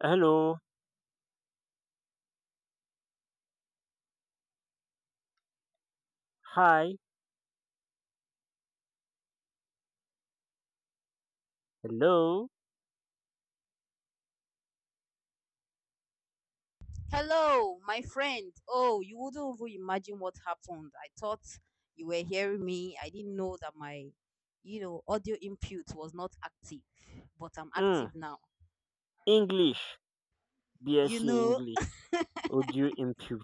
Hello. Hi. Hello. Hello, my friend. Oh, you wouldn't even imagine what happened. I thought you were hearing me. I didn't know that my, audio input was not active, but I'm Mm. active now. English. You BSc know, English. Audio input.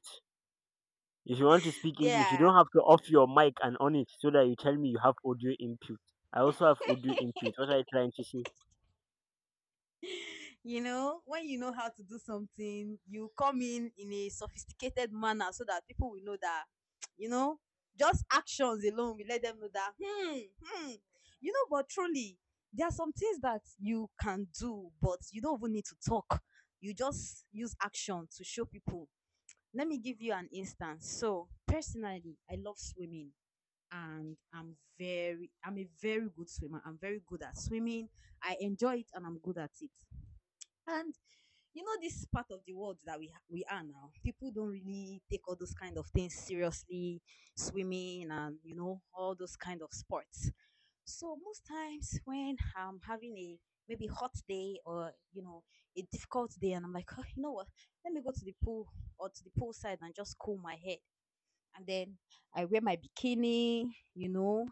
If you want to speak English, you yeah. don't have to off your mic and on it so that you tell me you have audio input. I also have audio input. What are you trying to say? When you know how to do something, you come in a sophisticated manner so that people will know that, you know, just actions alone will let them know that, hmm, hmm. But truly, there are some things that you can do, but you don't even need to talk. You just use action to show people. Let me give you an instance. So, personally, I love swimming and I'm a very good swimmer. I'm very good at swimming. I enjoy it and I'm good at it. And you know this part of the world that we are now, people don't really take all those kind of things seriously, swimming and all those kind of sports. So most times when I'm having a maybe hot day, or a difficult day, and I'm like, oh, you know what, let me go to the pool or to the poolside and just cool my head. And then I wear my bikini,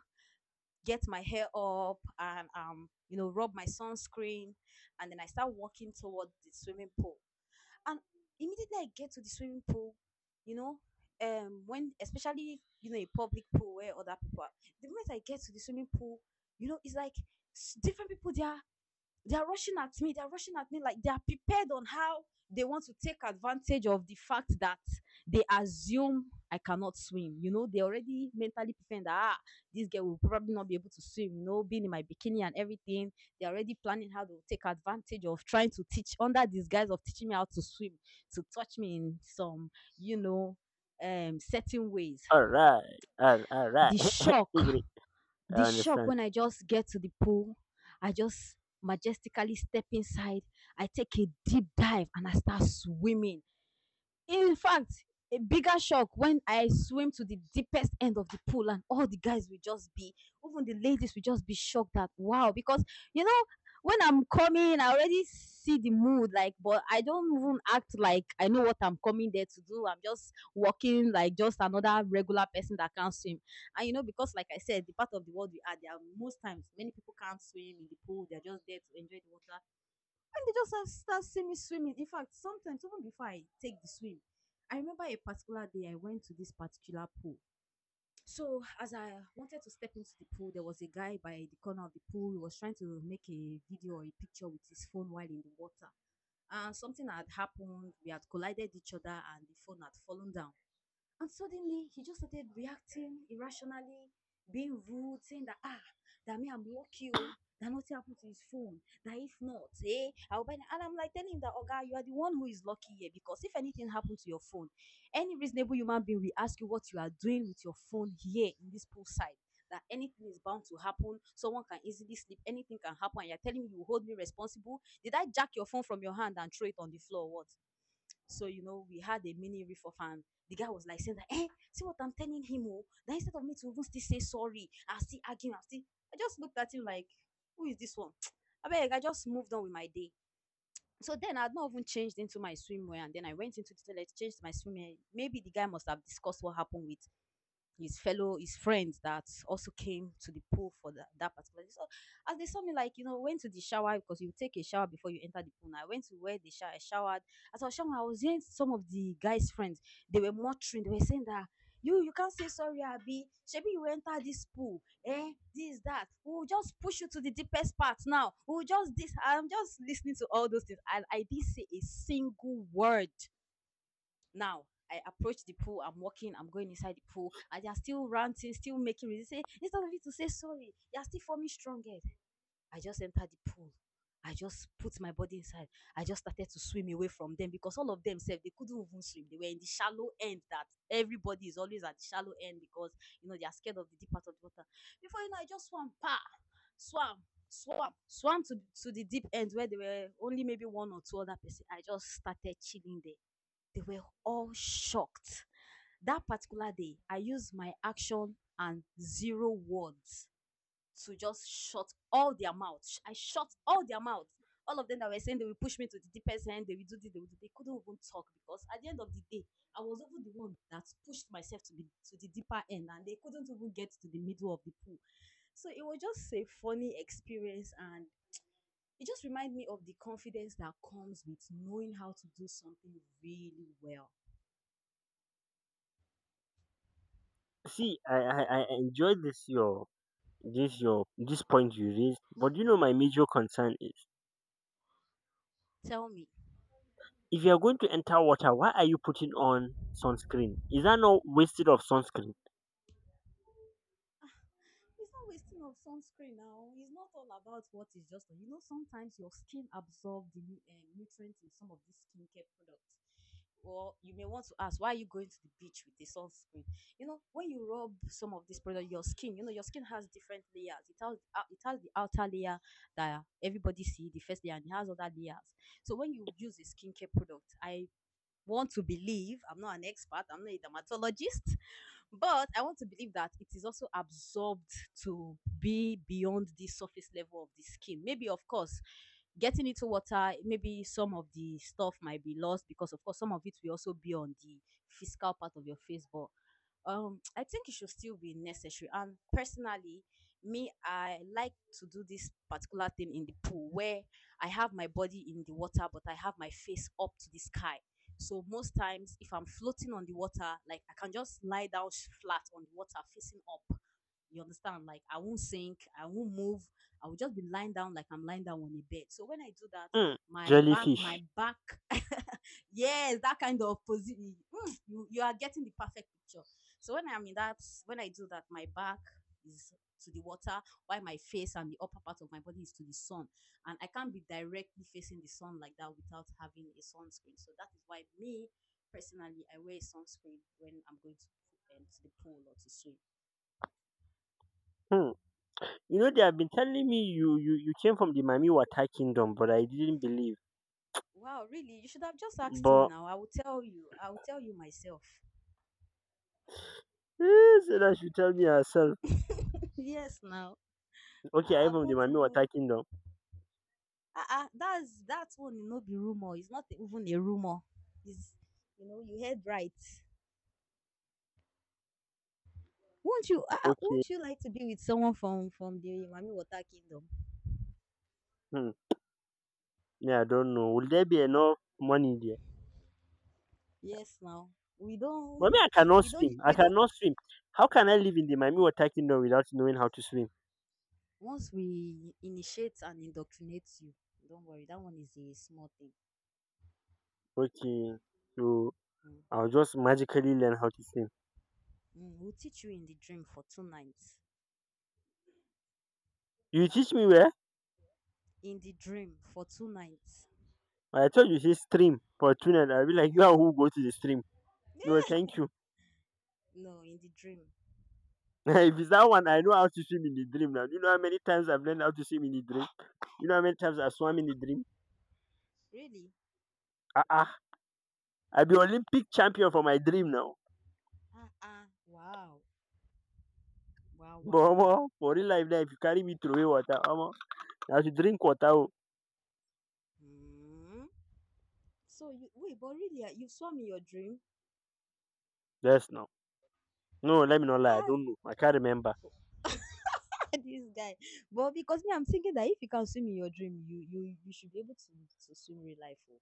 get my hair up and rub my sunscreen, and then I start walking toward the swimming pool. And immediately I get to the swimming pool, you know when, especially a public pool where other people are, the moment I get to the swimming pool, it's like, different people there. They are rushing at me. They are rushing at me like they are prepared on how they want to take advantage of the fact that they assume I cannot swim. They already mentally pretend that ah, this girl will probably not be able to swim. Being in my bikini and everything, they're already planning how they will take advantage of trying to teach under this guise of teaching me how to swim, to touch me in some, you know, certain ways. Alright. All Alright. The shock Agree. I the shock understand. when I just get to the pool, I just majestically step inside, I take a deep dive and I start swimming. In fact, a bigger shock when I swim to the deepest end of the pool and all the guys will just be, even the ladies will just be shocked that wow. Because you know, when I'm coming, I already see the mood, like, but I don't even act like I know what I'm coming there to do. I'm just walking like just another regular person that can't swim. And because like I said, the part of the world we are, there are most times many people can't swim in the pool, they're just there to enjoy the water. They just start seeing me swimming. In fact, sometimes even before I take the swim, I remember a particular day I went to this particular pool. So as I wanted to step into the pool, there was a guy by the corner of the pool who was trying to make a video or a picture with his phone while in the water. And something had happened. We had collided each other, and the phone had fallen down. And suddenly he just started reacting irrationally, being rude, saying that that me I'm lucky, oh, that nothing happened to his phone. That if not, I'll buy it. And I'm like telling him that, oh guy, you are the one who is lucky here, because if anything happened to your phone, any reasonable human being will ask you what you are doing with your phone here in this poolside. That anything is bound to happen. Someone can easily slip. Anything can happen. And you're telling me you hold me responsible. Did I jack your phone from your hand and throw it on the floor, or what? So, we had a mini riff of, and the guy was like saying that, see what I'm telling him, oh, that instead of me to even still say sorry, I'll still argue, I just looked at him like, who is this one? I beg, I just moved on with my day. So then I had not even changed into my swimwear, and then I went into the toilet, changed my swimwear. Maybe the guy must have discussed what happened with his friends that also came to the pool for that particular day. So as they saw me, like, went to the shower because you take a shower before you enter the pool. Now I went to where they shower, I showered. As I was showering, I was hearing some of the guys' friends. They were muttering, they were saying that you can't say sorry, Abi. Shebi you enter this pool, eh? This, that. We'll just push you to the deepest part now. We'll just this. I'm just listening to all those things. And I didn't say a single word. Now I approach the pool. I'm walking. I'm going inside the pool, and they're still ranting, still making reasons. Instead of you to say sorry, they're still forming strong head. I just entered the pool. I just put my body inside. I just started to swim away from them because all of them said they couldn't even swim. They were in the shallow end. That everybody is always at the shallow end because they are scared of the deep part of the water. Before you know, I just swam, pa, swam, swam, swam to the deep end where there were only maybe one or two other person. I just started chilling there. They were all shocked. That particular day, I used my action and zero words to just shut all their mouths. I shut all their mouths. All of them that were saying they will push me to the deepest end, they will do this, they will do, they couldn't even talk because at the end of the day, I was even the one that pushed myself to be to the deeper end, and they couldn't even get to the middle of the pool. So it was just a funny experience, and it just reminded me of the confidence that comes with knowing how to do something really well. See, I enjoyed this your this point you raised, but you know my major concern is Tell me. if you are going to enter water, why are you putting on sunscreen? Is that not wasted of sunscreen? It's not wasting of sunscreen now. It's not all about what is just on. Sometimes your skin absorbs the nutrients in some of these skincare products. Or you may want to ask, why are you going to the beach with the sunscreen? When you rub some of this product, your skin, your skin has different layers. It has the outer layer that everybody see, the first layer, and it has other layers. So when you use a skincare product, I want to believe, I'm not an expert. I'm not a dermatologist. But I want to believe that it is also absorbed to be beyond the surface level of the skin. Maybe, of course, getting into water, maybe some of the stuff might be lost because, of course, some of it will also be on the physical part of your face. But I think it should still be necessary. And personally, me, I like to do this particular thing in the pool where I have my body in the water but I have my face up to the sky. So most times, if I'm floating on the water, like I can just lie down flat on the water facing up. You understand, like, I won't sink, I won't move, I will just be lying down like I'm lying down on a bed. So when I do that, Mm, my back jellyfish. my back yes, that kind of position. Mm, you are getting the perfect picture. So when I'm in that, when I do that, my back is to the water, while my face and the upper part of my body is to the sun. And I can't be directly facing the sun like that without having a sunscreen. So that is why me personally, I wear sunscreen when I'm going to, to the pool or to swim. Hmm. You know, they have been telling me you came from the Mami Wata Kingdom, but I didn't believe. Wow, really? You should have just asked me. But Now I will tell you, myself. eh, so that she tell me herself. Yes. Now Okay, I'm I've from the not Mami Wata even. Kingdom. Ah ah, that's one no be rumor. It's not even a rumor. It's you know you heard right. Won't you? Ah, ah, Okay. won't you like to be with someone from the Mami Water Kingdom? Hmm. Yeah, I don't know. Will there be enough money there? Yes. Now we But me, don't I cannot we don't swim. I we don't. cannot swim. How can I live in the Mami Wata Kingdom without knowing how to swim? Once we initiate and indoctrinate you, don't worry. That one is a small thing. Okay. So Mm. I'll just magically learn how to swim. Mm, we'll teach you in the dream for 2 nights. You teach me where? In the dream for two nights. I thought you say stream for tuna. I'll be like, you are who go to the stream. No, thank you. No, in the dream. If it's that one, I know how to swim in the dream now. Do you know how many times I've learned how to swim in the dream? You know how many times I swam in the dream? Really? Ah, ah. I'll be Olympic champion for my dream now. Ah ah. Wow. Wow. But Wow. Wow. omo, for real life, now, if you carry me through water, omo, I have to drink water. Oh. Hmm. So you wait, but really, you swam in your dream? Yes, now. No, let me not lie. I Ah, don't know. I can't remember. this guy. But because me, I'm thinking that if you can swim in your dream, you should be able to swim real life. Oh.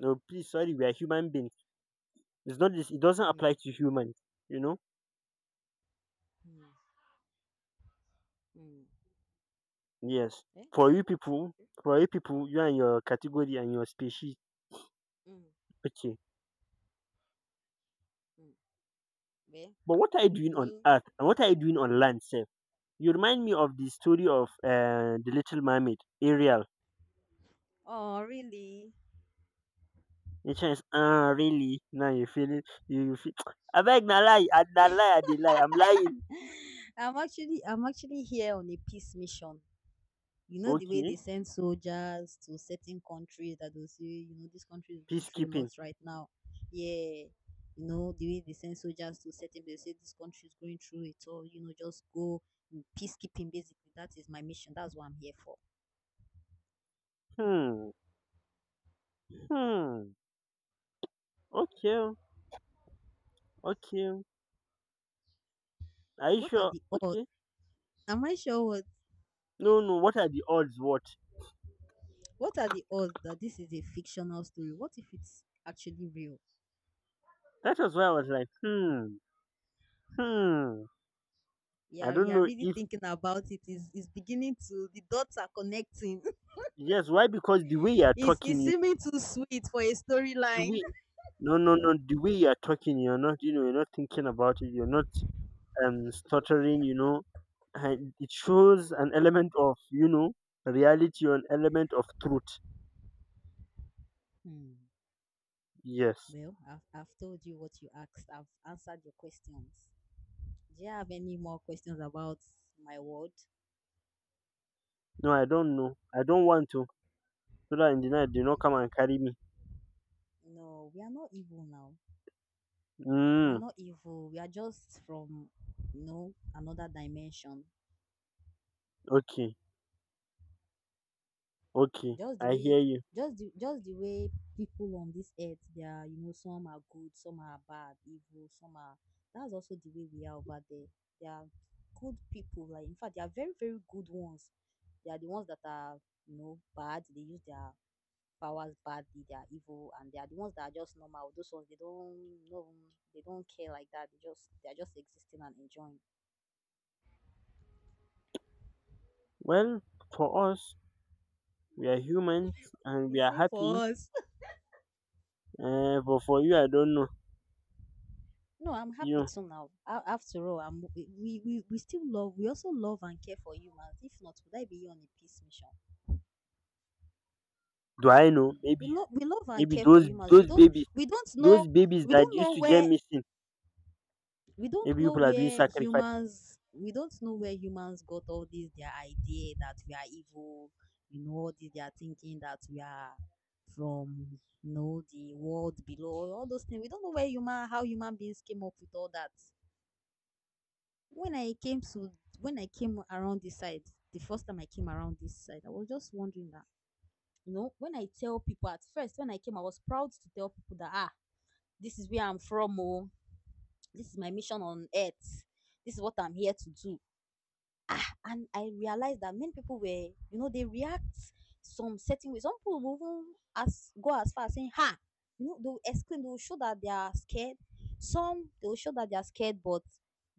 No, please, sorry. We are human beings. It's not this. It doesn't Mm, apply to humans. You know? mm, mm. Yes. Eh, For you true, true, people, true. for you people, you and your category and your species. Mm, Okay. mm. Well, But what are you doing on me. earth? And what are you doing on land, sir? You remind me of the story of the Little Mermaid, Ariel. Oh, really? And she is, ah, really? Now you feel it. You feel. I beg, na lie. I na lie. I dey lie. I'm lying. I'm actually here on a peace mission. You know the way they Okay. send soldiers to certain countries that will say, this country is going through a Peacekeeping. lot right now. Yeah. You know, the way they send soldiers to certain, they say this country is going through it all, just go peacekeeping basically. That is my mission. That's what I'm here for. Hmm. Hmm. Okay, oh. Okay, oh. Are you What are sure? the odds? Okay. Am I sure what No, no. What are the odds? What? what are the odds that this is a fictional story? What if it's actually real? That was why I was like, hmm. Hmm. I Yeah, don't you're know really if. thinking about it. Is beginning to, the dots are connecting. Yes. Why? Because the way you are it's talking, it's you seeming too sweet for a the storyline. way. No, no, no. The way you are talking, you're not. You know, you're not thinking about it. You're not stuttering, you know, and it shows an element of, you know, reality or an element of truth. Hmm. Yes. Well, I've told you what you asked. I've answered your questions. Do you have any more questions about my world? No, I don't know. I don't want to. So that in the night, do not come and carry me. No, we are not evil now. We are Mm, not evil. We are just from, another dimension. okay. Okay. Just the I hear way, you. just the way people on this earth, they are, some are good, some are bad, evil, some are. That's also the way we are over there. They are good people. Like in fact, they are very, very good ones. They are the ones that are, bad. They use their powers bad, they are evil, and they are the ones that are just normal. Those ones they don't know, they don't care like that. They are just existing and enjoying. Well, for us, we are humans and You we are see happy. for us. But for you, I don't know. No, I'm happy You too now. After all, we still love, we also love and care for humans. If not, would I be on a peace mission? do I know? Maybe We you, love, we love and maybe care for those humans. We those don't, babies, we don't know, those babies we that don't used know to get where missing. we don't Maybe know people are doing where sacrifice. humans we don't know where humans got all this their idea that we are evil, all this their thinking that we are from, the world below, all those things. We don't know where human how human beings came up with all that. When i came to when i came around this side, the first time I came around this side, I was just wondering that, when I tell people, at first when I came, I was proud to tell people that, this is where I'm from. Oh, this is my mission on earth, this is what I'm here to do. And I realized that many people were, they react some certain way. Some people will even as go as far as saying, "Ha!" You know, they will exclaim. They will show that they are scared. Some they will show that they are scared, but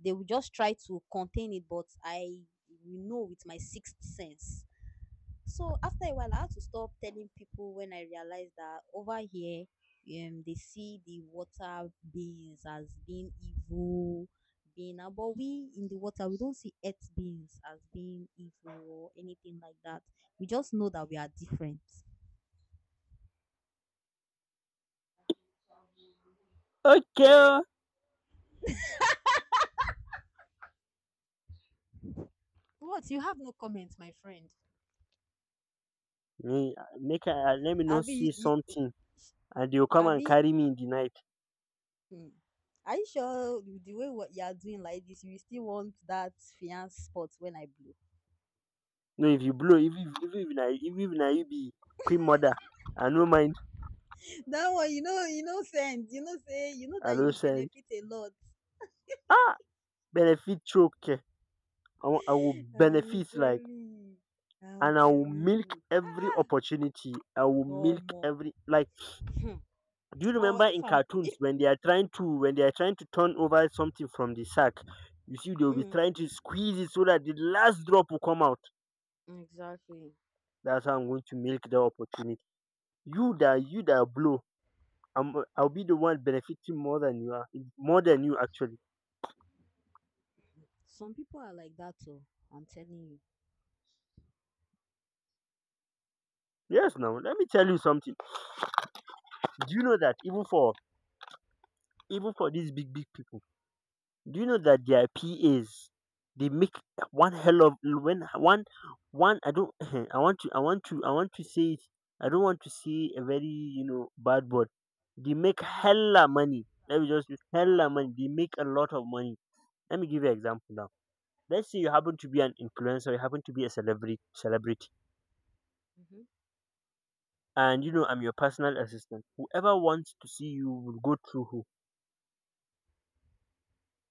they will just try to contain it. But I will know with my sixth sense, so after a while, I had to stop telling people when I realized that over here, they see the water beings as being evil, being but we in the water, we don't see earth beings as being evil or anything like that. We just know that we are different. Okay. What? You have no comment, my friend. make make I let me not see Abi, you, you- something and they will come and Abi, carry me in the night. hmm. Are you sure with the way what you are doing like this, you will still want that fiance spot when I blow? No if you blow if na even if na you be queen mother, I no mind. That one, you know, sense. You know say, you know I that no you send. benefit a lot. Ah, benefit choke, I will I'm benefit like, telling you. I'm and I will telling milk you. every opportunity, I will Oh, milk more. every like. Do you But remember in if I'm, cartoons if, when they are trying to when they are trying to turn over something from the sack? You see they will be mm, trying to squeeze it so that the last drop will come out. exactly. That's how I'm going to milk the opportunity. You that you that blow, I'll be the one benefiting more than you are, more than you actually. Some people are like that too. I'm telling Yes, now let me tell you something. Do you know that even for even for these big big people, do you know that their pas, they make one hell of when one one I don't I want to I want to I want to say it. I don't want to say a very, you know, bad word. They make you. Mm-hmm. hella money, let me just use hella money, Wow. they make a lot of money. Let me give you an example now. Let's say you happen to be an influencer, you happen to be a celebrity, Mm-hmm. and you know I'm your personal assistant. Whoever wants to see you will go through who?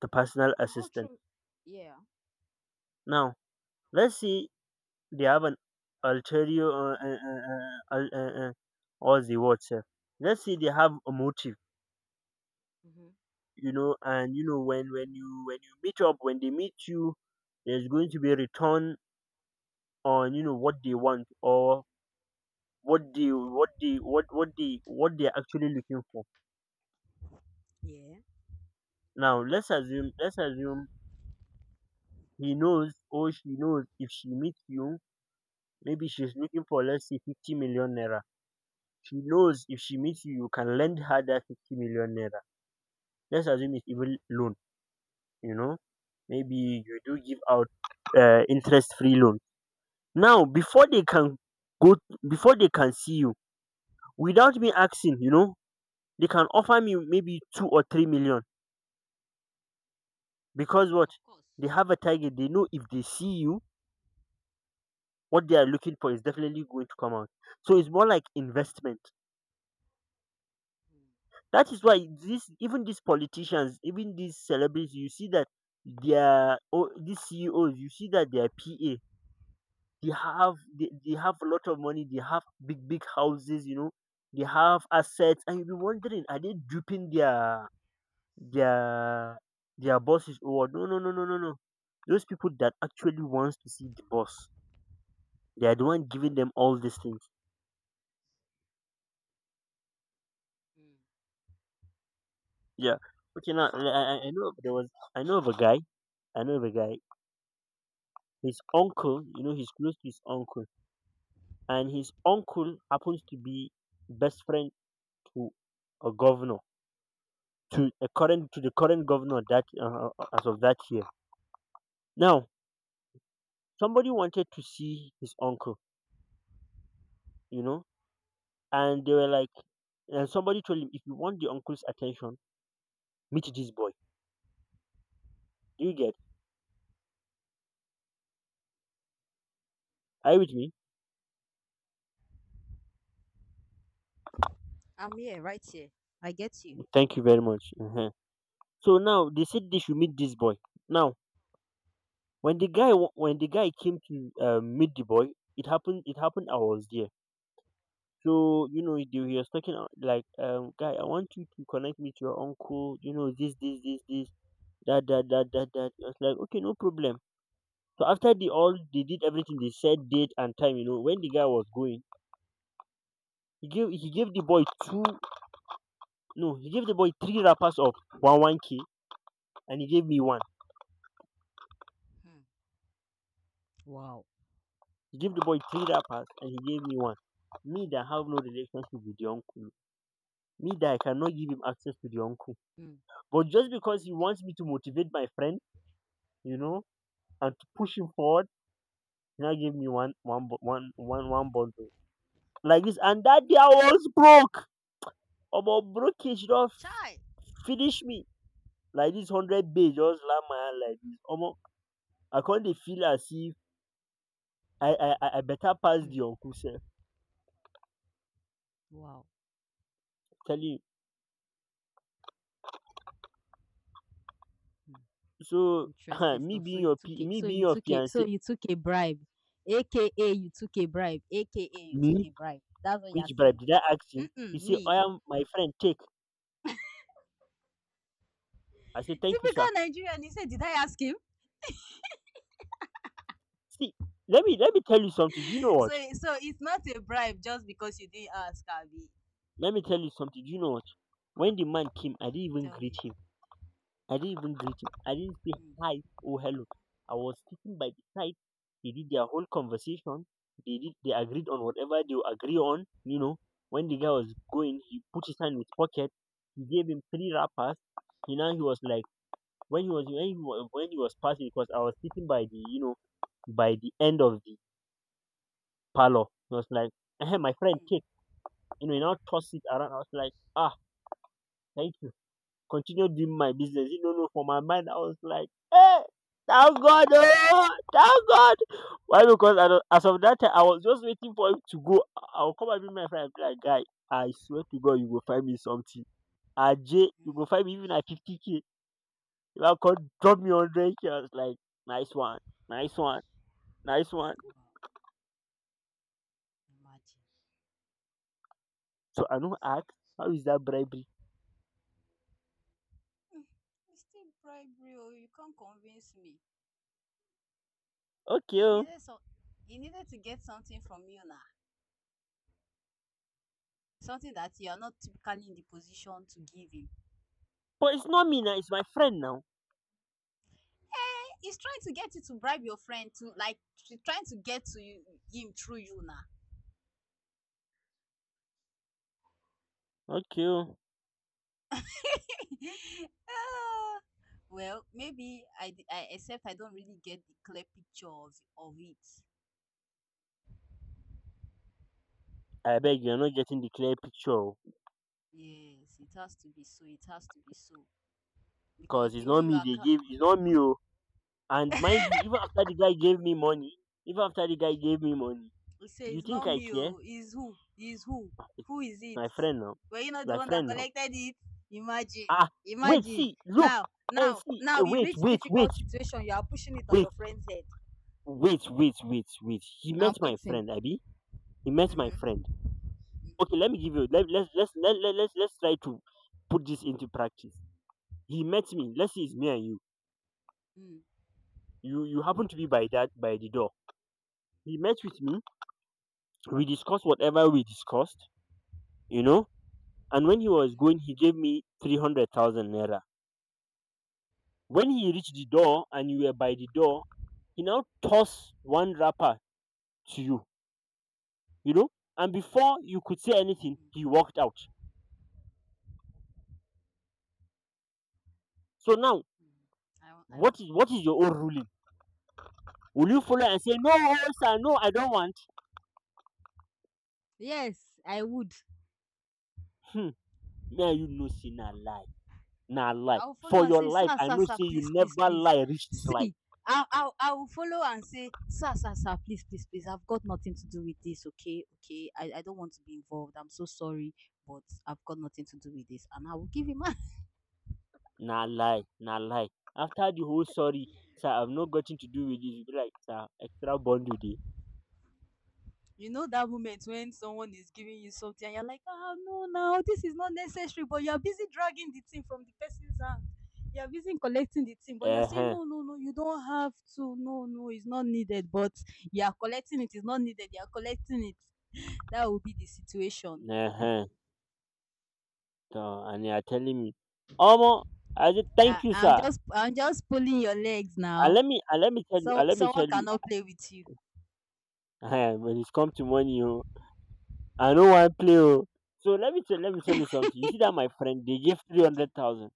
The personal We'll go assistant. through. Yeah. Now, let's say they have an ulterior, what's the word, sir? Let's say they have a motive, Mm-hmm. you know, and you know when when you meet up, when they meet you, there's going to be a return on, you know, what they want or what they what they what they're actually looking for. Yeah. Now let's assume, let's assume he knows or she knows if she meets you, maybe she's looking for, let's say, 50 million naira. She knows if she meets you, you can lend her that 50 million naira. Let's assume it's even loan, you know. Maybe you do give out interest free loan. Now before Mm-hmm. they can go, before they can see you, without me asking, you know, they can offer me maybe 2 or 3 million because what? Of course. They have a target, they know if they see you what they are looking for is definitely going to come out. So it's more like Yeah. investment. That is why this, even these politicians, even these celebrities, you see that their oh, these CEOs, you see that their PA, they have a lot of money, they have big big houses, you know, they have assets, and you'll be wondering, are they duping their their bosses or what? No, no, no, no, no, no. Those people that actually wants to see the boss, they are the one giving them all these things. Mm-hmm. Yeah. Okay. Now I know of- there was I know of a guy. I know of a guy. His uncle, you know, he's close to his uncle, and his uncle happens to be best friend to a governor, to a current to the current governor that as of that year. Now somebody wanted to see his uncle, you know, and they were like, and somebody told him, if you want the uncle's attention, meet this boy. Do you get? Are you with me? I'm here, right here. I get you. Thank you very much. Mhm. So now they said they should meet this boy. Now when the guy came to meet the boy, it happened I was there. So you know he was talking like guy, I want you to connect me to your uncle, you know, this, that that that that that. I was like, okay, no problem. So after they all they did everything, they said date and time, you know, when the guy was going, he gave the boy two no he gave the boy three wrappers of one one k, and he gave me one. Hmm. Wow. He gave the boy three wrappers and he gave me one. Me that have no relationship with the uncle, me that I cannot give him access to the uncle. Mm. But just because he wants me to motivate my friend, you know, and to push him forward, he now gave me one one bu- one one one bundle like this. And that day I was broke. Omo broke, he should have Chai. finish me like this. Hundred bay just land my hand like this. Omo, I can't dey feel as if I better pass Hmm. the uncle sef. Wow. Tell you Hmm. so. Interesting stuff. So you took a Me so being you your took a fiance, so you took a bribe, AKA you took a bribe, AKA you me, took a bribe. That's what which you're bribe saying. did I ask him? He Mm-mm, say, I me. am my friend. Take. I say thank you, Typical sir. Nigerian. You said, did I ask him? See, let me tell you something. Do you know So what? so it's not a bribe just because you didn't ask, Abby. Let me tell you something. Do you know what? When the man came, I didn't even Tell greet me. him. I didn't even greet him. I didn't say Mm, hi or hello. I was sitting by the side. They did their whole conversation. They agreed on whatever they would agree on. You know, when the guy was going, he put his hand in his pocket. He gave him three wrappers. You know, he was like when he was when he was passing, because I was sitting by the, you know, by the end of the parlor. He was like, "Ehen, my friend, mm, take." You know, he now toss it around. I was like, ah, thank you. Continue doing my business. You know, no, for my mind, I was like, hey, thank God, oh, thank God. Why? Because I don't, as of that time, I was just waiting for him to go. I'll come and meet my friend and be like, "Guy, I swear to God, you will find me something. AJ, you go mm. find me even at 50K. If I could drop me 100K." I was like, "Nice one, nice one, nice one." Wow. Imagine. So I don't ask, how is that bribery? It's still bribery. Oh, you can't convince me. Okay, He oh, needed some. He needed to get something from you now. Something that you are not typically in the position to give him. but it's not me now, it's my friend now. He's trying to get you to bribe your friend, to like she's trying to get to you, him through you now. Okay, oh. Ah, well, maybe I except I don't really get the clear picture of it. I beg, you are not getting the clear picture Yes, it has to be so. It has to be so because because it's the way not you me are, they give, it's not me, oh. And mind you, even after the guy gave me money even after the guy gave me money you say do you it's think not I me. care? Oh, is who? Is who? Ah, eh, Who is it? my friend now, Were you not the my one that friend now collected it? Imagine, ah wait, imagine. see, look, Now, and now, see, now you reach difficult situation. You are pushing it on wait your friend's head. wait, he met I'm my waiting. friend Abby. He met my Mm-hmm. friend Okay, let me give you, let, let's let, let, let's try to put this into practice. He met me. Let's say it's me and you. Mm, You happen to be by that by the door. He met with me. We discussed whatever we discussed, you know. And when he was mhm, going, he gave me 300,000 naira. When he reached the door and you were by the door, he now tossed one wrapper to you, you know. And before you could say anything, mm, he walked out. So now, mm. I want, I what want. is what is your own ruling? Will you follow and say, "No, oh, sir, no, I don't want"? Yes, I would. Hmm. May, you know, see, na lie. Na lie. I will follow For and your say, life, sir, I sir, know, sir, say, you please, please, never please. lie reach this life. See, I will follow and say, sir, sir, sir, please, please, please. I've got nothing to do with this. Okay, okay. I don't want to be involved. I'm so sorry, but I've got nothing to do with this, and I will give him. Na lie, na lie. After the whole "sorry, sir, I've not gotten to do with this," you be like, "Sir, extra bundle dey." You know that moment when someone is giving you something and you're like, "Ah, no, now this is not necessary," but you're busy dragging the thing from the person's hand. You're busy collecting the thing, but you're saying, Uh-huh. no, no, no, you don't have to. No, no, it's not needed. But you are collecting it. It's not needed. You are collecting it. That will be the situation. Uh-huh. So, and you are telling me, Omo, I said, "Thank I, you, I'm sir." just, I'm just pulling your legs now. And let me tell you, So and let me someone tell you, cannot play with you. eh, when it's come to money, oh, I don't want play, oh. So let me tell you something. You see that my friend, they gave three hundred Okay. thousand.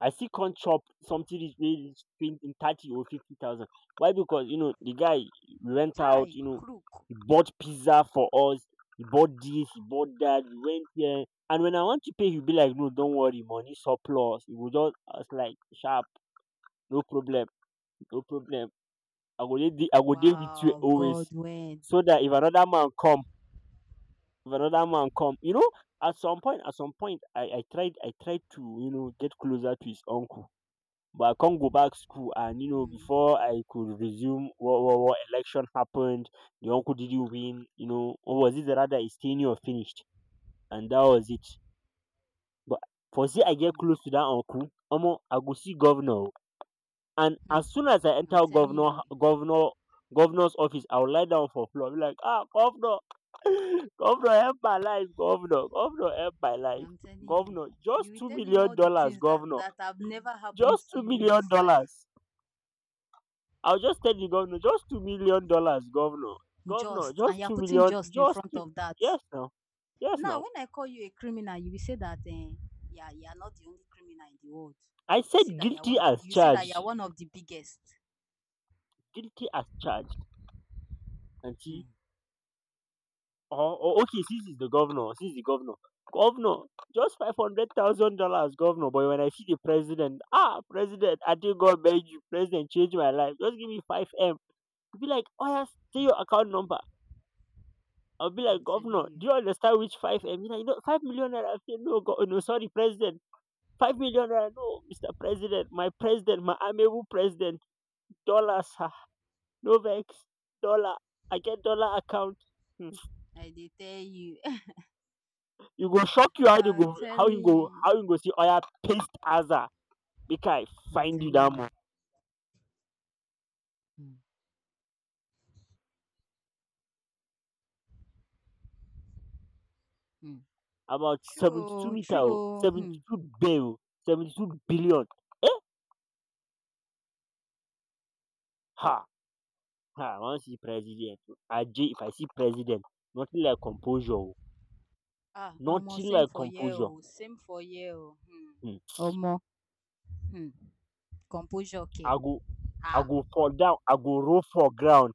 I still can't chop something is wey reach in thirty or fifty thousand. Why? Because, you know, the guy, we went out, Chai, you know, crook. he bought pizza for us, he bought this, he bought that, we went here. And when I want to pay, he'll be like, "No, don't worry, money surplus." He will just— I was like, sharp, no problem, no problem. I will I will deal with you Wow, always. Godwin. So that if another man come, you know, at some point I tried to, you know, get closer to his uncle, but I can't go back school, and, you know, Hmm, before I could resume, what election happened, the uncle didn't win, you know, or was it rather his tenure finished, and that was it. But for see, I get hmm, close to that uncle, Omo, I go see governor, o. And hmm. as soon as I I'm enter telling governor you, governor governor's office, I will lie down for floor. Be like, "Ah, governor, governor, help my life. Governor, help my life. I'm telling you, Governor, just you will two tell him all million the dollars, things that governor. that have never happened Just to two you in million this life. dollars. I'll just tell the governor, "Just $2 million, governor. Governor, Just just and you're two putting million, just in just front two." of that. Yes, now. Yes, Now, now. when I call you a criminal, you will say that eh, yeah, you are not the only criminal in the world, I but you see said that you're guilty one of as you see that you're charged. one of the biggest. Guilty as charged. And see, Hmm, oh, okay, this is the governor. This is the governor. "Governor, just $500,000, governor." But when I see the president, "Ah, president, I think God made you, president, change my life. Just give me five M." You'll be like, "Oh, yes, say your account number." I'll be I'm like, telling "Governor, you, do you understand which five M?" He's like, "No, 5 million naira." I say, "No, go, no, sorry, president. 5 million naira? No. Mr. President, my amiable president, dollar, sir. No vex, dollar. I get dollar account." Hmm. I did tell you. You go shock, you— how you I'm go how telling you go how you. you go see oya paste aza, make I I'm find you telling that you. month. Hmm, hmm. About True, seventy two oh, meter, true, oh, oh. Hmm. 72 bill, 72 billion. Eh? Ha ha. I want see president, oh. Aje, if I see president, nothing like composure, oh. Ah, Nothing almost same like for composure. you. Same for you. Hmm. Hmm. Omo. Hmm. Composure, okay, I go I ah. go fall down. I go roll for ground.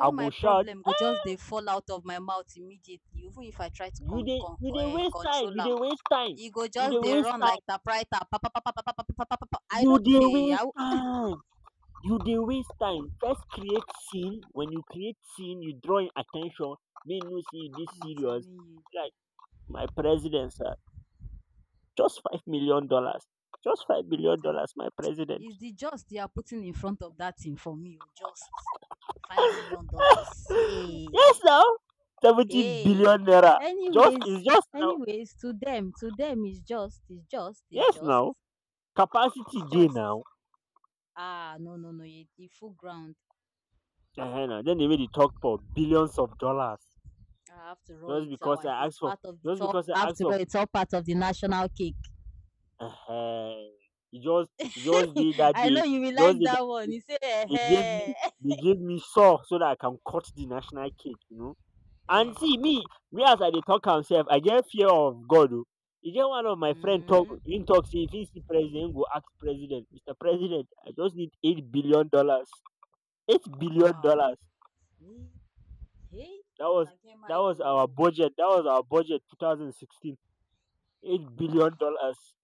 I go my shout, problem go just dey fall out of my mouth immediately, even if I try to you com dey— com you dey waste time, control you dey am. waste time, E go you just dey dey waste run like time, typewriter, pa pa pa pa pa pa pa pa pa. I you no dey hey, i waste time, you dey waste time. First create scene, when you create scene you draw im at ten tion, make im know sey you dey i'm serious. telling you. Like, "My president, sir, just $5 million, just five I'm million telling dollars my president." It's the just they are putting in front of that thing for me, oh, just $5 million. Hey, Yes, now, 70 billion hey, naira. Just anyways is just, now, anyways to them is just is just is yes, just now, capacity it's dey just, now, ah, no, no, no, e full ground. ehen, na dem dey wey dey talk for billions of dollars. I have to roll just it. because Our I asked It's for part of the just top. because I I have asked to for, roll, it's all part of the national cake. uh, it just— it just did that I day know you will just like did that that one. day, You say, they gave me eh, they gave me saw, so that I can cut the national cake, you know. And eh. see me, me, as I dey talk myself, I get fear of God, oh. You get one of my friend talk Hmm. him talk say, if he see president, he go ask president, "Mr. President, I just need $8 billion. Eight billion Wow. dollars. Hey, hey. That was Una get that my was our though. budget. That was our budget 2016. Eight Wow. billion dollars.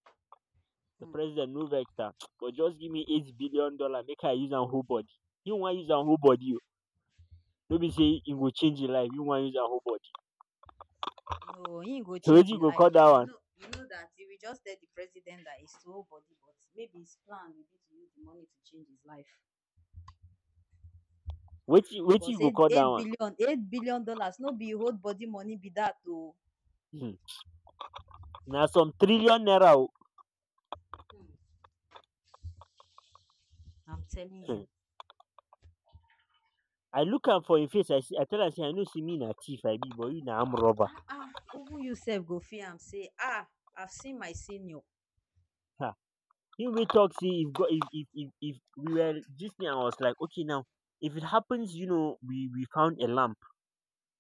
The Hmm, president no vex sha, but just give me $8 billion make I use am whole body. You wan use am whole hmm. body, oo, no be sey e go change your life, you wan use am whole body. No, he ain't go So change wetin you in go life, call that but one? You know that if we just tell the president that it's whole body, but maybe his plan will be to use the money to change his life Wetin because you go eight call that eight one? billion, eight billion dollars no be whole body money be that though. um Na some trillion naira, oo. I'm telling um you. I look am for im face, I see. I tell am sey I know sey me na thief I be, but you na armed robber. Ah, ah, even you sef go feel am say ah, I've seen my senior. um Him wey talk sey, if God, if we were dis thing, I was like, okay, now, if it happens, you know, we found a lamb,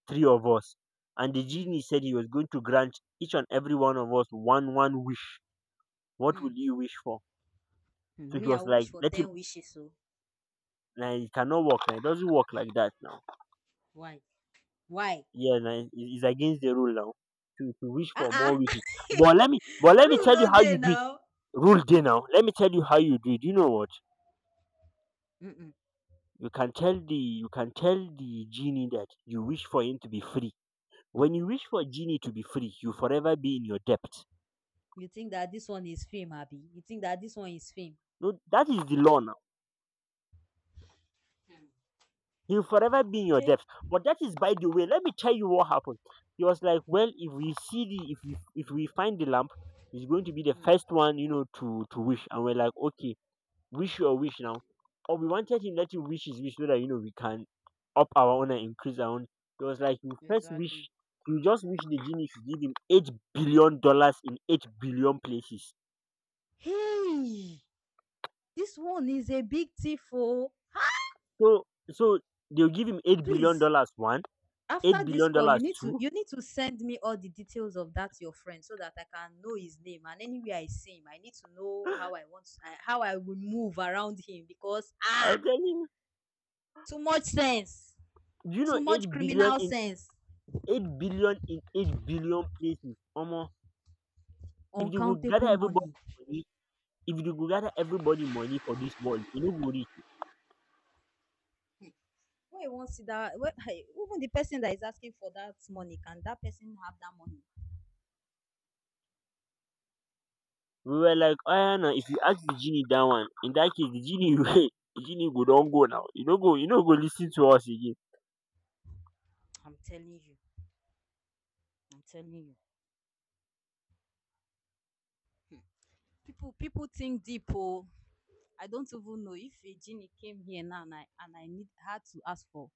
three of us, and the um genie said he was going to grant each and every one of us one wish. What um will you wish for? So he Me I was like, wish for let ten him. wishes o. Now it cannot work. Now it doesn't work like that. Now, Why? Why? yeah, now it's against the rule now to wish Ah, for ah. more wishes. But let me Rule tell no you how dey you do it. now. Rule day now. Let me tell you how you do it. You know what? um You can tell the genie that you wish for him to be free. When you wish for a genie to be free, you forever be in your debt. you think that this one is film, abi? You think that this one is film? No, that is the law now. He'll forever be in your Okay. debt. But that is by the way. Let me tell you what happened. He was like, well, if we— if we find the lamp, he's going to be the um first one, you know, to wish. And we're like, okay, wish your wish now. Or we wanted him— let him wish his wish so that, you know, we can up our own and increase our own. It was like, you first exactly. wish, you just wish the genie should give him $8 billion in 8 billion places. Hey, this one is a big thief, o. So so they'll give him eight billion Please, dollars one, after eight this billion call you dollars need to, two. Send me all the details of that your friend so that I can know his name, and anywhere I see him, I need to know how how I will move around him, because I was telling— too much sense, do you know too eight much billion criminal in sense, 8 billion places, omo, if dey go gather uncountable everybody money. money, if dey go gather everybody money for dis world, e no go reach. When you want see that, when, hey, even the person that is asking for that money, can that person have that money? We were like, oya, now, if you ask the genie dat one, in dat case the genie wey— the genie go don go now, e no go— e no go lis ten to us again. I'm telling you. I'm telling you, people think deep oh. I don't even know if a genie came here now and I need had to ask for